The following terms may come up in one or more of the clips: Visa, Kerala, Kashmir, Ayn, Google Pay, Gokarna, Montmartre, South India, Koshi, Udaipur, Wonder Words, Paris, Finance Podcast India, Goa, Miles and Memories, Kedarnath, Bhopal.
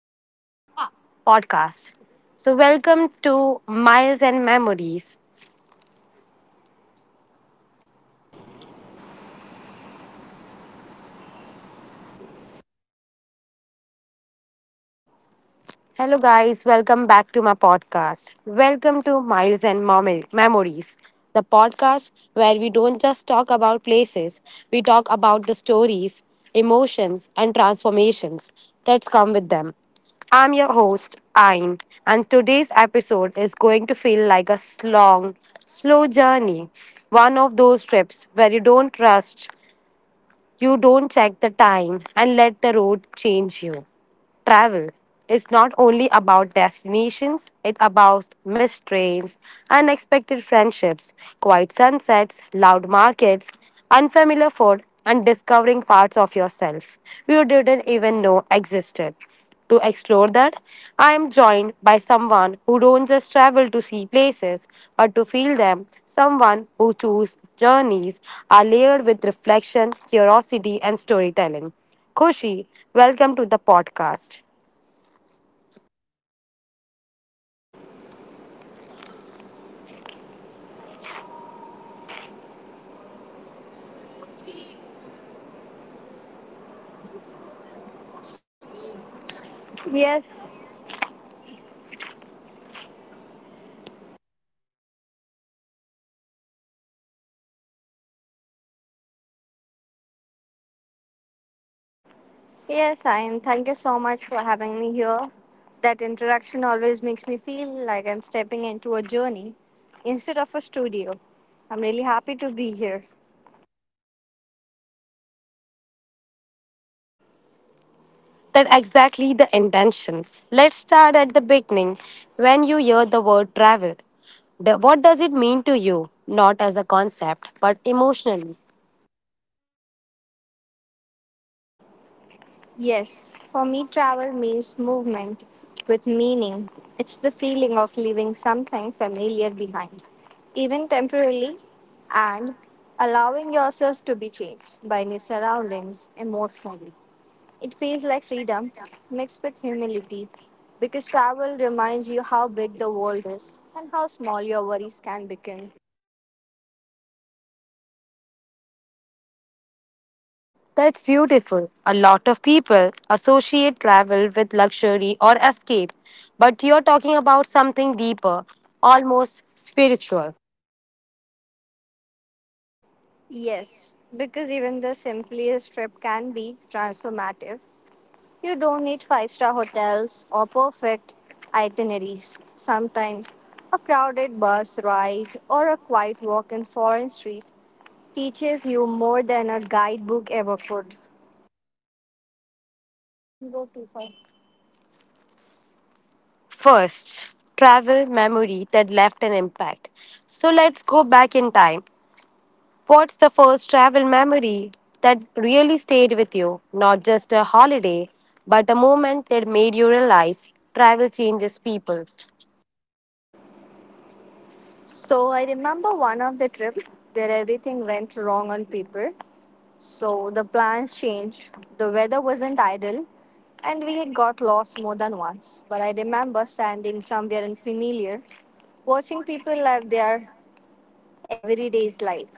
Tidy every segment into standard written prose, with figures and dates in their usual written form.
my podcast. So, welcome to Miles and Memories. Hello, guys. Welcome back to my podcast. Welcome to Miles and Memories, the podcast where we don't just talk about places, we talk about the stories, emotions, and transformations that come with them. I'm your host, Ayn, and today's episode is going to feel like a long, slow journey. One of those trips where you don't rush, you don't check the time and let the road change you. Travel is not only about destinations, it's about missed trains, unexpected friendships, quiet sunsets, loud markets, unfamiliar food, and discovering parts of yourself you didn't even know existed. To explore that, I am joined by someone who don't just travel to see places, but to feel them, someone who choose journeys are layered with reflection, curiosity, and storytelling. Koshi, welcome to the podcast. Yes, yes, I am. Thank you so much for having me here. That introduction always makes me feel like I'm stepping into a journey instead of a studio. I'm really happy to be here. That exactly the intentions. Let's start at the beginning. When you hear the word travel, what does it mean to you? Not as a concept, but emotionally. Yes, for me, travel means movement with meaning. It's the feeling of leaving something familiar behind, even temporarily, and allowing yourself to be changed by new surroundings emotionally. It feels like freedom mixed with humility because travel reminds you how big the world is and how small your worries can become. That's beautiful. A lot of people associate travel with luxury or escape, but you're talking about something deeper, almost spiritual. Yes, because even the simplest trip can be transformative. You don't need five-star hotels or perfect itineraries. Sometimes a crowded bus ride or a quiet walk in foreign street teaches you more than a guidebook ever could. First, travel memory that left an impact. So let's go back in time. What's the first travel memory that really stayed with you? Not just a holiday, but a moment that made you realize travel changes people. So I remember one of the trip where everything went wrong on paper, so the plans changed, the weather wasn't ideal, and we had got lost more than once. But I remember standing somewhere unfamiliar, watching people live their everyday's life,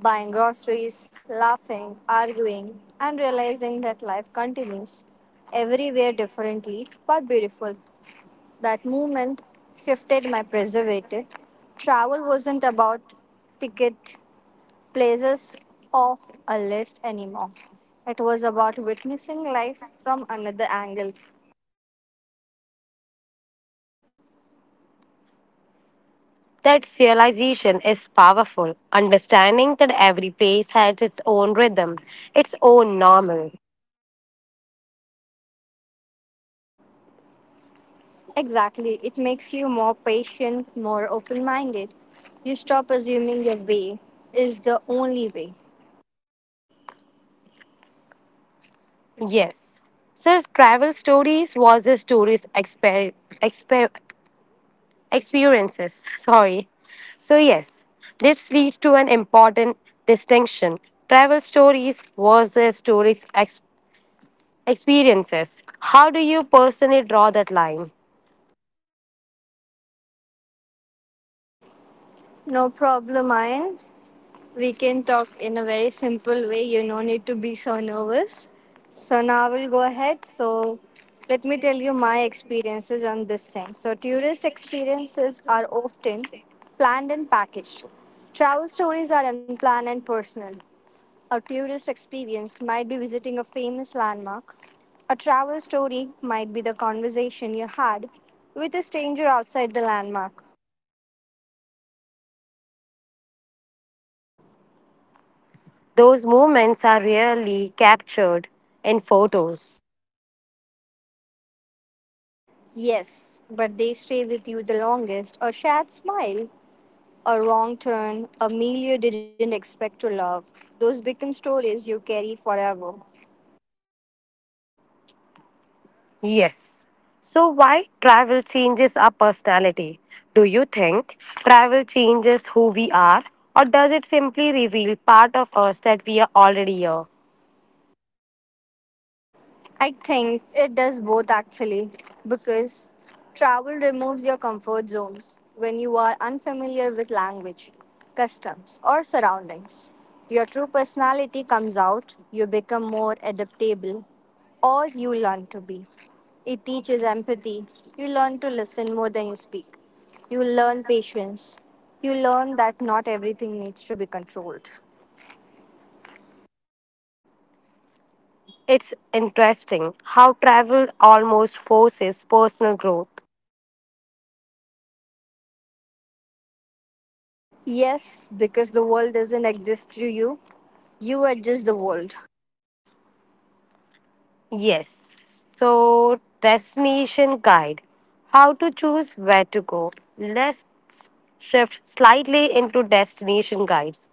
buying groceries, laughing, arguing, and realizing that life continues everywhere differently but beautiful. That moment shifted my preservative. Travel wasn't about ticket places off a list anymore. It was about witnessing life from another angle. That realization is powerful, understanding that every place has its own rhythm, its own normal. Exactly. It makes you more patient, more open minded. You stop assuming your way is the only way. Yes. Sir, travel stories was his tourist exper- experiences. Sorry. So, yes, this leads to an important distinction travel stories versus stories experiences. How do you personally draw that line? No problem, Ayan. We can talk in a very simple way. You no need to be so nervous. So now we'll go ahead. So let me tell you my experiences on this thing. So tourist experiences are often planned and packaged. Travel stories are unplanned and personal. A tourist experience might be visiting a famous landmark. A travel story might be the conversation you had with a stranger outside the landmark. Those moments are rarely captured in photos. Yes, but they stay with you the longest. A shared smile, a wrong turn, a meal you didn't expect to love. Those become stories you carry forever. Yes. So, why travel changes our personality? Do you think travel changes who we are, or does it simply reveal part of us that we are already here? I think it does both actually, because travel removes your comfort zones when you are unfamiliar with language, customs, or surroundings. Your true personality comes out, you become more adaptable, or you learn to be. It teaches empathy, you learn to listen more than you speak, you learn patience, you learn that not everything needs to be controlled. It's interesting how travel almost forces personal growth. Yes, because the world doesn't exist to you, you adjust the world. Yes. So, destination guide how to choose where to go. Let's shift slightly into destination guides.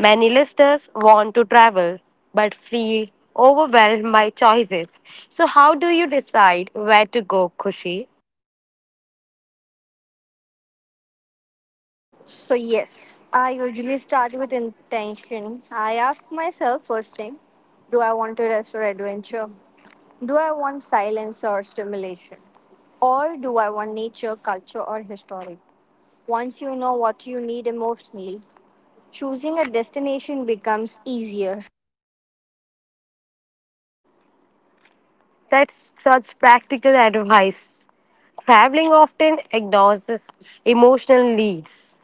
Many listeners want to travel but feel overwhelmed by choices. So, how do you decide where to go, Kushi? So yes, I usually start with intention. I ask myself first thing, do I want to rest or adventure? Do I want silence or stimulation? Or do I want nature, culture or historic? Once you know what you need emotionally, choosing a destination becomes easier. That's such practical advice. Traveling often ignores this emotional needs.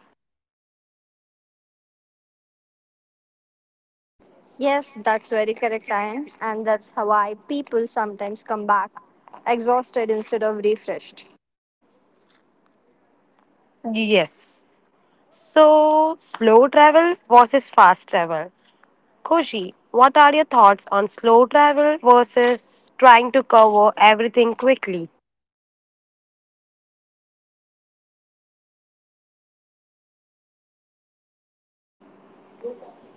Yes, that's very correct, Ayan, and that's why people sometimes come back exhausted instead of refreshed. Yes. So, slow travel versus fast travel. Koshi, what are your thoughts on slow travel versus trying to cover everything quickly?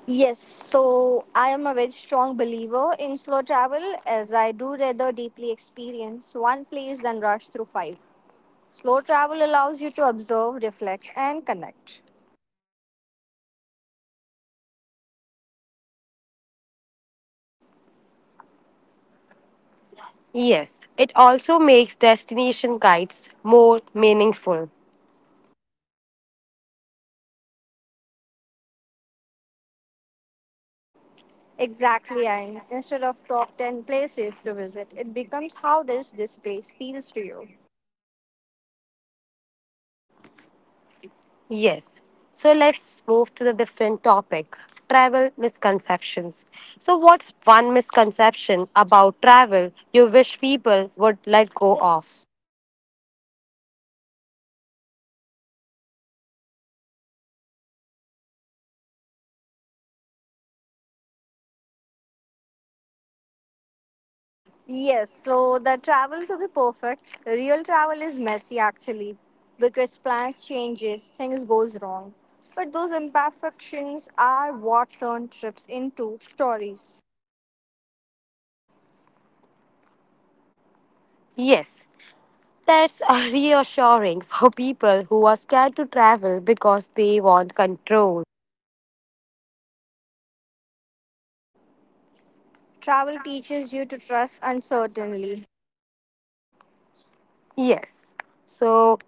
Yes, so I am a very strong believer in slow travel as I do rather deeply experience one place than rush through five. Slow travel allows you to observe, reflect, and connect. Yes, it also makes destination guides more meaningful. Exactly, and instead of top 10 places to visit, it becomes how does this place feels to you? Yes. So let's move to the different topic travel misconceptions. So, what's one misconception about travel you wish people would let go of? Yes, so the travel to be perfect, real travel is messy actually because plans changes, things goes wrong. But those imperfections are what turn trips into stories. Yes, that's reassuring for people who are scared to travel because they want control. Travel teaches you to trust uncertainly. Yes. So,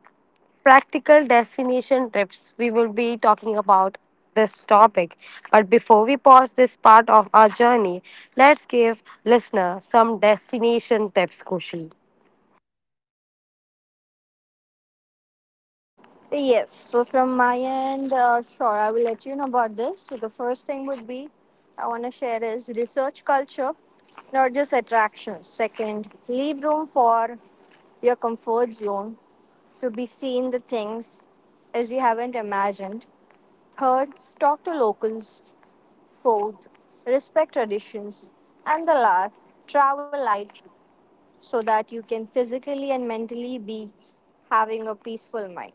practical destination trips, we will be talking about this topic. But before we pause this part of our journey, let's give listener some destination tips, Kushi. Yes, so from my end, sure, I will let you know about this. So the first thing would be I want to share is research culture, not just attractions. Second, leave room for your comfort zone to be seen the things as you haven't imagined. Third, talk to locals. Fourth, respect traditions. And the last, travel light so that you can physically and mentally be having a peaceful mind.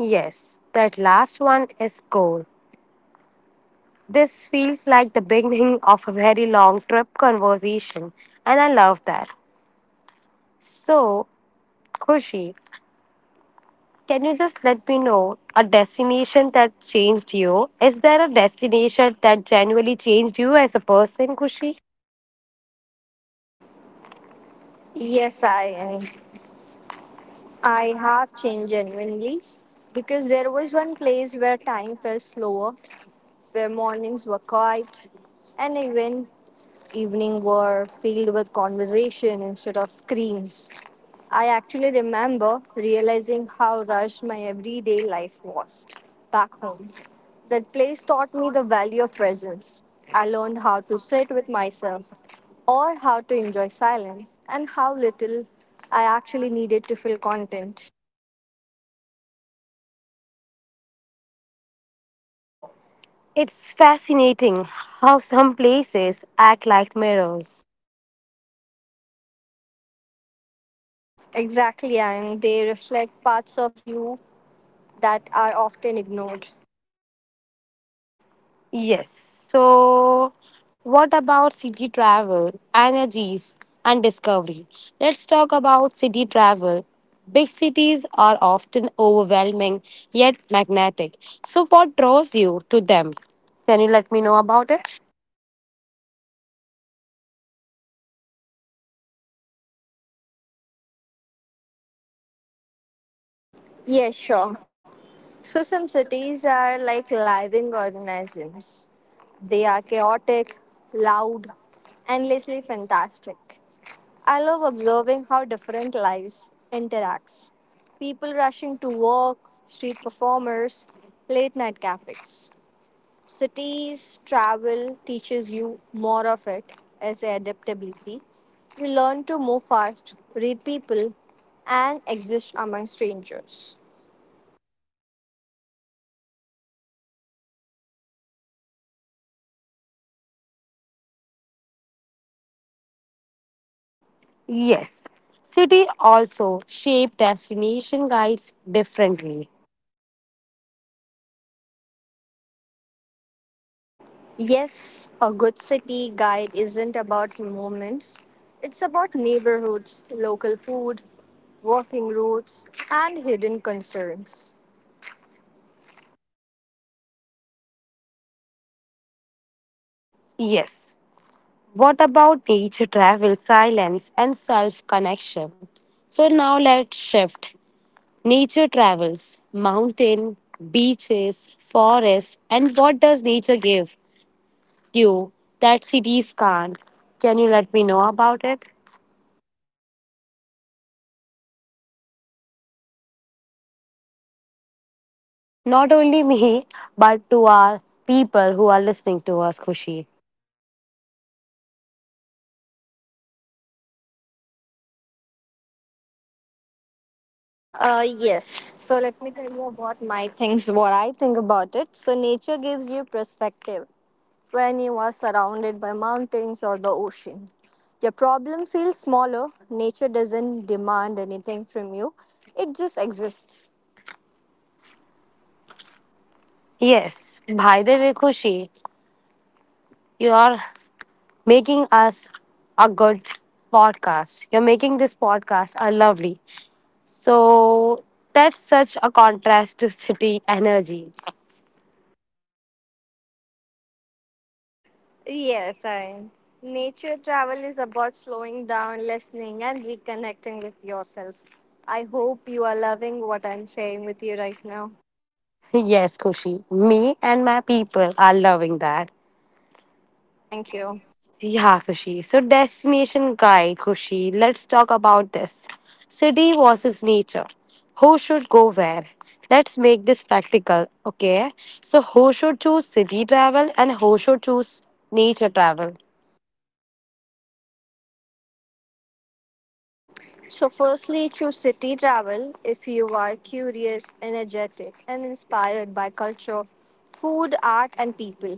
Yes, that last one is goal. This feels like the beginning of a very long trip conversation, and I love that. So, Kushi, can you just let me know a destination that changed you? Is there a destination that genuinely changed you as a person, Kushi? Yes, I am. I have changed genuinely because there was one place where time felt slower, where mornings were quiet, and even evening were filled with conversation instead of screens. I actually remember realizing how rushed my everyday life was back home. That place taught me the value of presence. I learned how to sit with myself or how to enjoy silence and how little I actually needed to feel content. It's fascinating how some places act like mirrors. Exactly, and they reflect parts of you that are often ignored. Yes. So, what about city travel, energies, and discovery? Let's talk about city travel. Big cities are often overwhelming yet magnetic. So, what draws you to them? Can you let me know about it? Yes, sure. So some cities are like living organisms. They are chaotic, loud, endlessly fantastic. I love observing how different lives interacts. People rushing to work, street performers, late night cafes. Cities travel teaches you more of it as adaptability. You learn to move fast, read people, and exist among strangers. Yes. City also shape destination guides differently. Yes, a good city guide isn't about moments. It's about neighborhoods, local food, walking routes, and hidden concerns. Yes. What about nature travel, silence, and self connection? So now let's shift. Nature travels, mountain, beaches, forest, and what does nature give you that cities can't? Can you let me know about it? Not only me, but to our people who are listening to us, Kushi. Yes, so let me tell you about my things, what I think about it. So, nature gives you perspective when you are surrounded by mountains or the ocean. Your problem feels smaller. Nature doesn't demand anything from you, it just exists. Yes, by the way, Kushi, your making us a good podcast. You're making this podcast a lovely. So that's such a contrast to city energy. Yes, I. Nature travel is about slowing down, listening, and reconnecting with yourself. I hope you are loving what I'm sharing with you right now. Yes, Kushi. Me and my people are loving that. Thank you. Yeah, Kushi. So destination guide, Kushi. Let's talk about this. City versus nature. Who should go where? Let's make this practical, okay? So who should choose city travel and who should choose nature travel? So, firstly, choose city travel if you are curious, energetic, and inspired by culture, food, art, and people.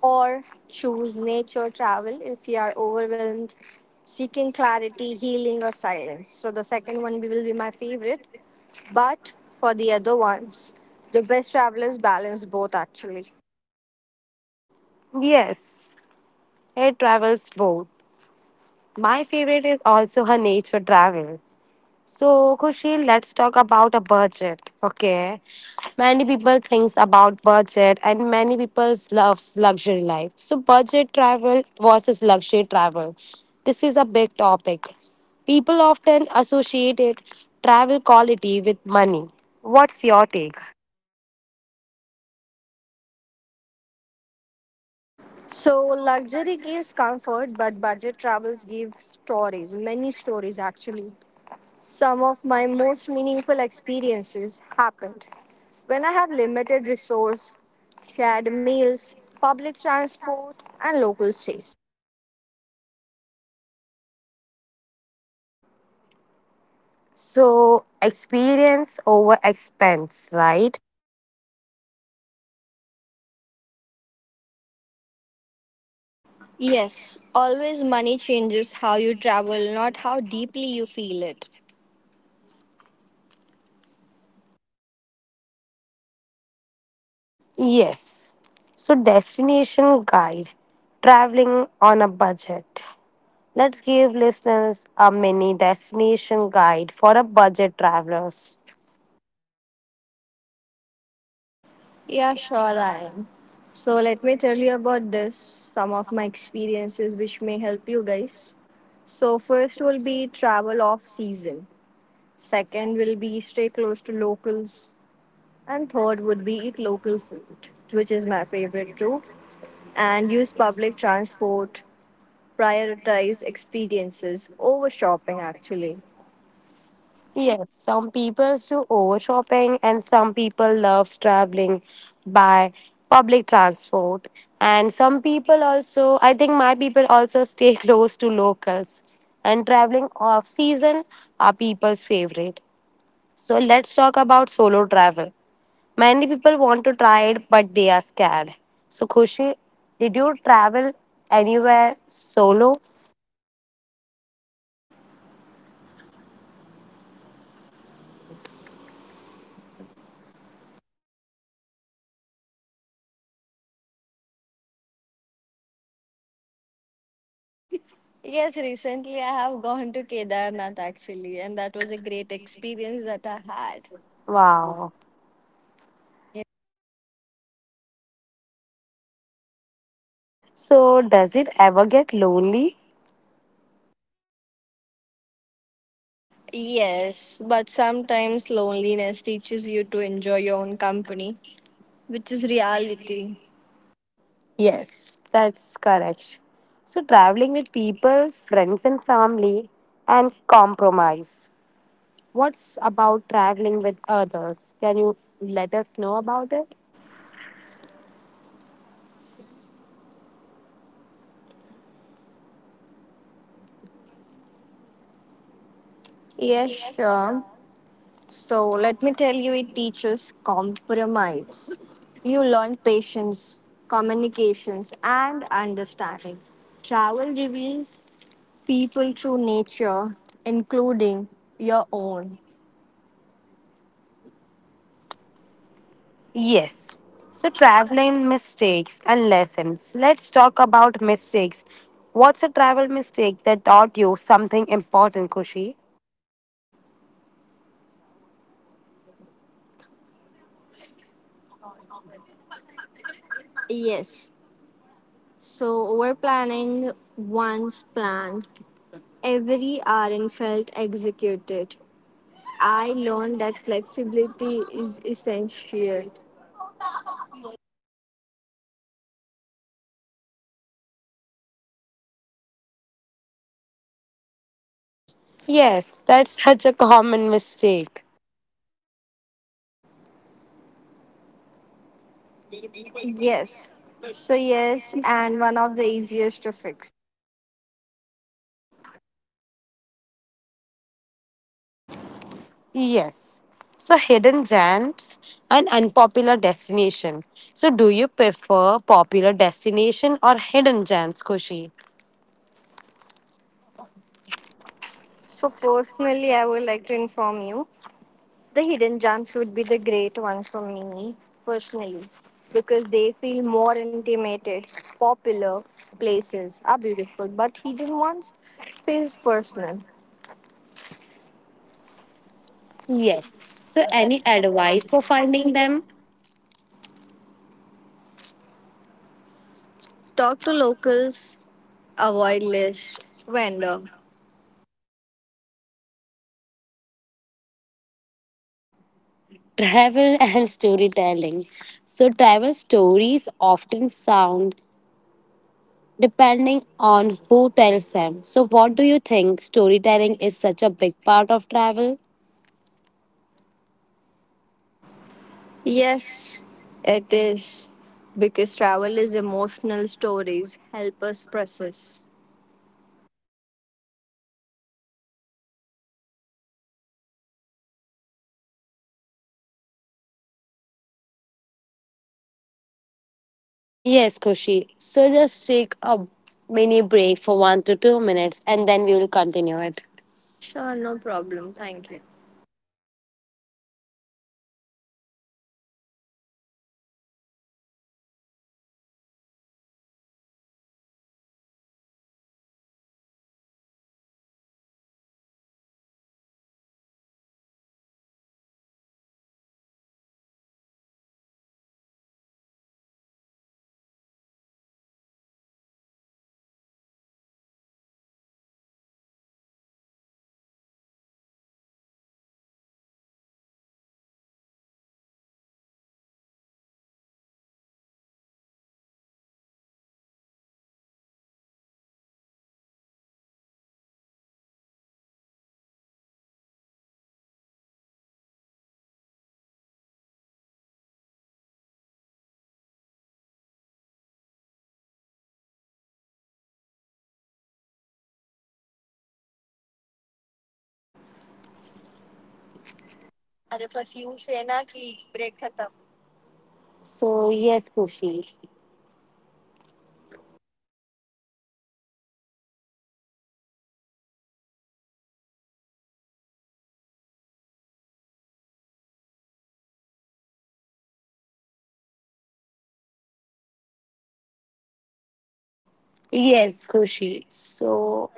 Or choose nature travel if you are overwhelmed, seeking clarity, healing, or silence. So, the second one will be my favorite. But for the other ones, the best travelers balance both actually. Yes. Air travels both. My favorite is also her nature travel. So, Kushil, let's talk about a budget. Okay. Many people thinks about budget and many people loves luxury life. So, budget travel versus luxury travel. This is a big topic. People often associate it travel quality with money. What's your take? So luxury gives comfort, but budget travels give stories, many stories actually. Some of my most meaningful experiences happened when I have limited resource, shared meals, public transport, and local stays. So, experience over expense, right? Yes, always money changes how you travel, not how deeply you feel it. Yes. So, destination guide, traveling on a budget. Let's give listeners a mini destination guide for a budget travelers. Yeah, sure, I am. So, let me tell you about this, some of my experiences which may help you guys. So, first will be travel off season, second will be stay close to locals, and third would be eat local food, which is my favorite too, and use public transport, prioritize experiences over shopping actually. Yes, some people do over shopping and some people loves traveling by public transport. And some people also, I think my people also stay close to locals. And traveling off season are people's favorite. So let's talk about solo travel. Many people want to try it, but they are scared. So, Khushi, did you travel anywhere solo? Yes, recently I have gone to Kedarnath actually, and that was a great experience that I had. Wow. So, does it ever get lonely? Yes, but sometimes loneliness teaches you to enjoy your own company, which is reality. Yes, that's correct. So, traveling with people, friends, and family, and compromise. What's about traveling with others? Can you let us know about it? Yes, sure. So let me tell you, it teaches compromise. You learn patience, communications, and understanding. Travel reveals people through nature, including your own. Yes. So, traveling mistakes and lessons. Let's talk about mistakes. What's a travel mistake that taught you something important, Kushi? Yes. So over planning once planned, every hour and felt executed. I learned that flexibility is essential. Yes, that's such a common mistake. Yes. So, yes, and one of the easiest to fix. Yes. So, hidden gems and unpopular destination. So, do you prefer popular destination or hidden gems, Kushi? So, personally, I would like to inform you the hidden gems would be the great one for me personally because they feel more intimated. Popular places are beautiful, but hidden ones feels personal. Yes. So, any advice for finding them? Talk to locals, avoid list, vendor. Travel and storytelling. So, travel stories often sound depending on who tells them. So, what do you think? Storytelling is such a big part of travel? Yes, it is. Because travel is emotional stories help us process. Yes, Kushi. So, just take a mini break for 1 to 2 minutes and then we will continue it. Sure, no problem. Thank you. So, yes, Kushi. Yes, Kushi. So,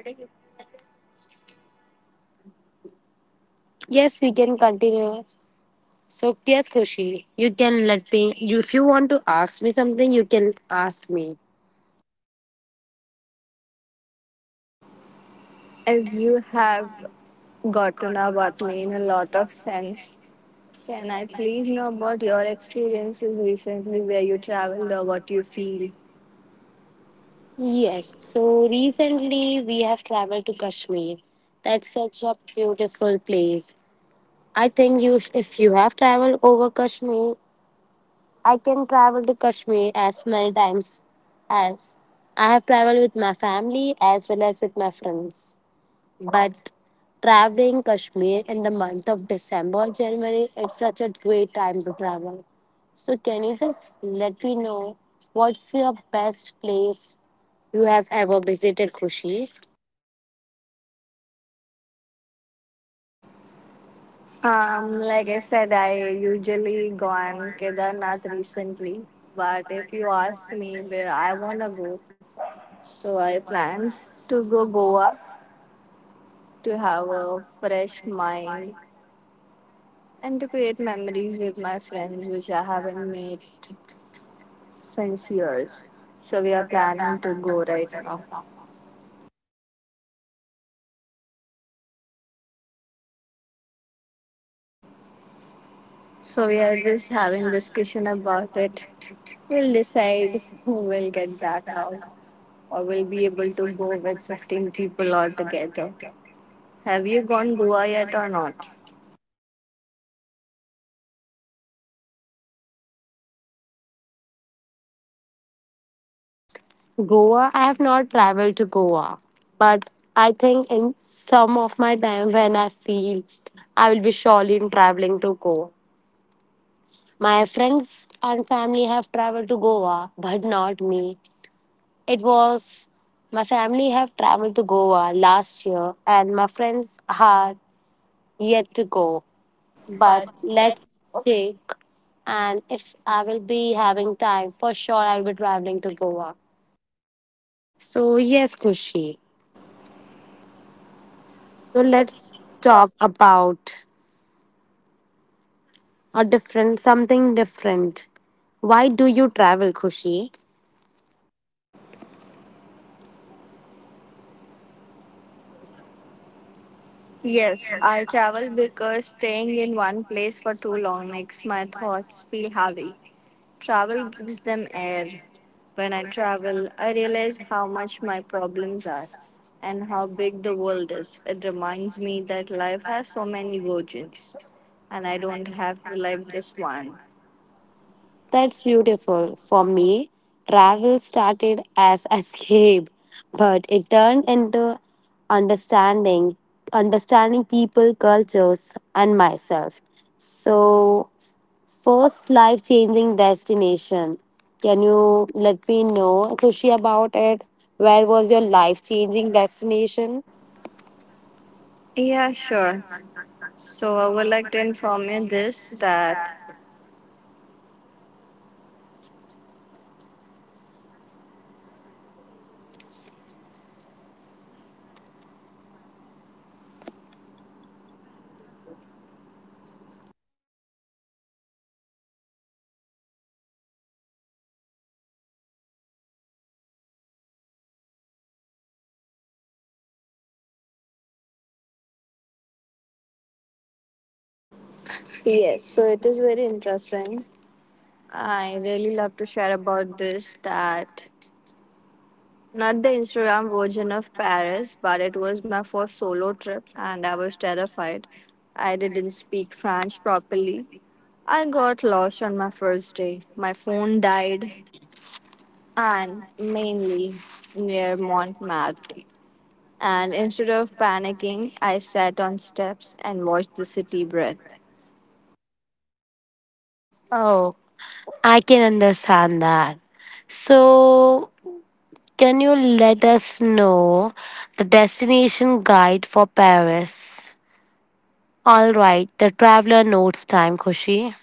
yes, we can continue. So, yes, Kushi, you can let me, you, if you want to ask me something, you can ask me. As you have gotten about me in a lot of sense, can I please know about your experiences recently where you traveled or what you feel? Yes, so recently we have traveled to Kashmir. That's such a beautiful place. I think if you have traveled over Kashmir, I can travel to Kashmir as many times as I have traveled with my family as well as with my friends. But traveling Kashmir in the month of December, January, it's such a great time to travel. So can you just let me know what's your best place you have ever visited, Khushi? Like I said, I usually go on Kedarnath recently, but if you ask me where I wanna go, so I plans to go Goa to have a fresh mind and to create memories with my friends, which I haven't made since years. So we are planning to go right now. So we are just having discussion about it. We'll decide who will get back out or will be able to go with 15 people altogether. Have you gone Goa yet or not? Goa, I have not traveled to Goa, but I think in some of my time when I feel I will be surely in traveling to Goa. My friends and family have traveled to Goa, but not me. It was my family have traveled to Goa last year, and my friends are yet to go. But let's check, and if I will be having time, for sure I will be traveling to Goa. So, yes, Kushi. So, let's talk about a different, something different. Why do you travel, Kushi? Yes, I travel because staying in one place for too long makes my thoughts feel heavy. Travel gives them air. When I travel, I realize how much my problems are and how big the world is. It reminds me that life has so many versions and I don't have to live just one. That's beautiful. For me, travel started as escape, but it turned into understanding, understanding people, cultures, and myself. So, first life changing destination. Can you let me know, Kushi, about it? Where was your life changing destination? Yeah, sure. So I would like to inform you this that yes, so it is very interesting. I really love to share about this that not the Instagram version of Paris, but it was my first solo trip and I was terrified. I didn't speak French properly. I got lost on my first day. My phone died, and mainly near Montmartre. And instead of panicking, I sat on steps and watched the city breathe. Oh, I can understand that. So, can you let us know the destination guide for Paris? All right, the traveler notes time, Kushi.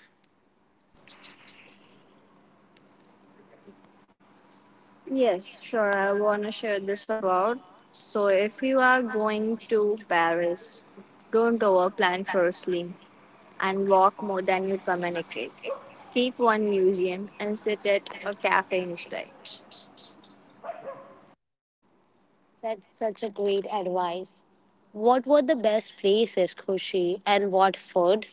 Yes, sure, I want to share this about. So, if you are going to Paris, don't overplan firstly, and walk more than you communicate. Skip one museum and sit at a cafe instead. That's such a great advice. What were the best places, Kushi, and what food?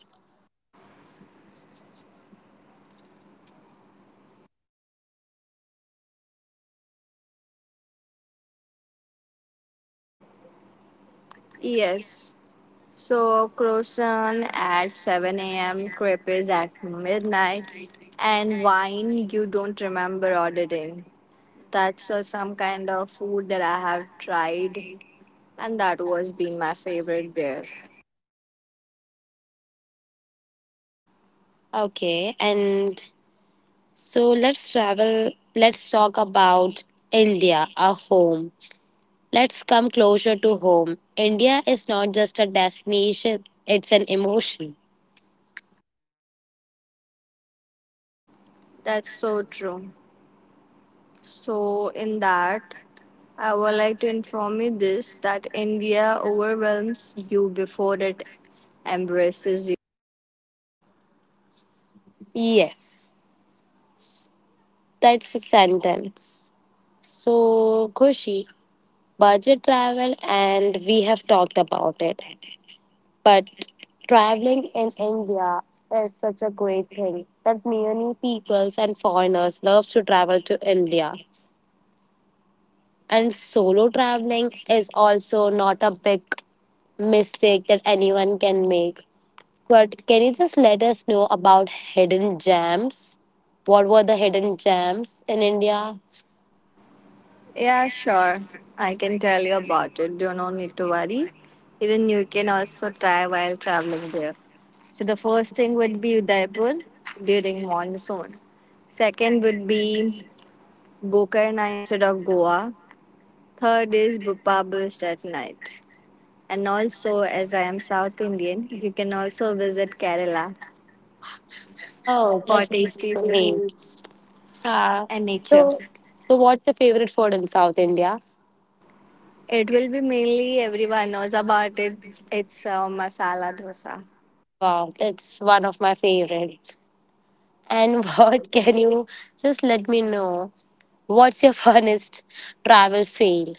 Yes. So croissant at 7 a.m., crepes at midnight, and wine you don't remember ordering. That's some kind of food that I have tried, and that was been my favorite beer. Okay, and so let's travel. Let's talk about India, our home. Let's come closer to home. India is not just a destination, it's an emotion. That's so true. So, in that, I would like to inform you this that India overwhelms you before it embraces you. Yes, that's a sentence. So, Kushi, budget travel, and we have talked about it. But traveling in India is such a great thing that many peoples and foreigners love to travel to India. And solo traveling is also not a big mistake that anyone can make. But can you just let us know about hidden gems? What were the hidden gems in India? Yeah, sure. I can tell you about it. Do not need to worry. Even you can also try while traveling there. So, the first thing would be Udaipur during monsoon. Second would be Gokarna instead of Goa. Third is Bhopal at night. And also, as I am South Indian, you can also visit Kerala Oh, for that's tasty great. foods Ah, and nature. so, so what's your favorite food in South India? It will be mainly everyone knows about it. It's masala dosa. Wow, that's one of my favorite. And It- what can you just let me know? What's your funnest travel fail?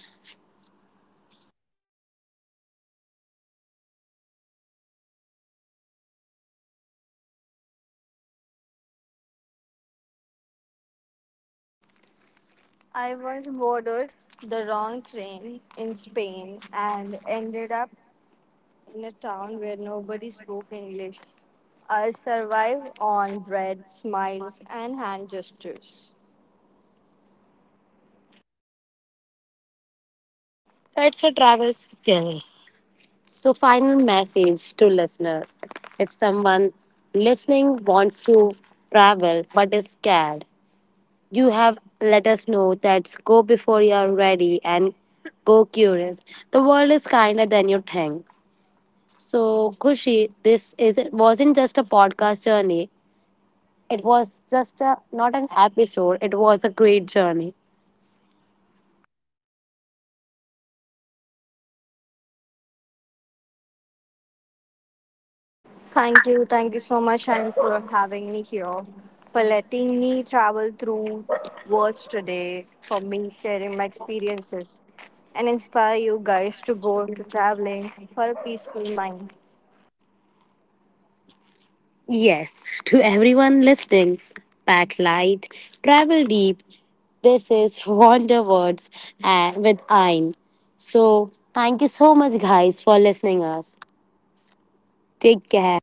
I once boarded the wrong train in Spain and ended up in a town where nobody spoke English. I survived on bread, smiles, and hand gestures. That's a travel skill. So, final message to listeners if someone listening wants to travel but is scared, you have let us know that go before you are ready and go curious. The world is kinder than you think. So, Kushi, this is wasn't just a podcast journey. It was just a not an episode. It was a great journey. Thank you. Thank you so much, and for having me here, for letting me travel through words today, for me sharing my experiences, and inspire you guys to go to traveling for a peaceful mind. Yes, to everyone listening, pack light, travel deep. This is Wonder Words and with Ayn. So thank you so much guys for listening us. Take care.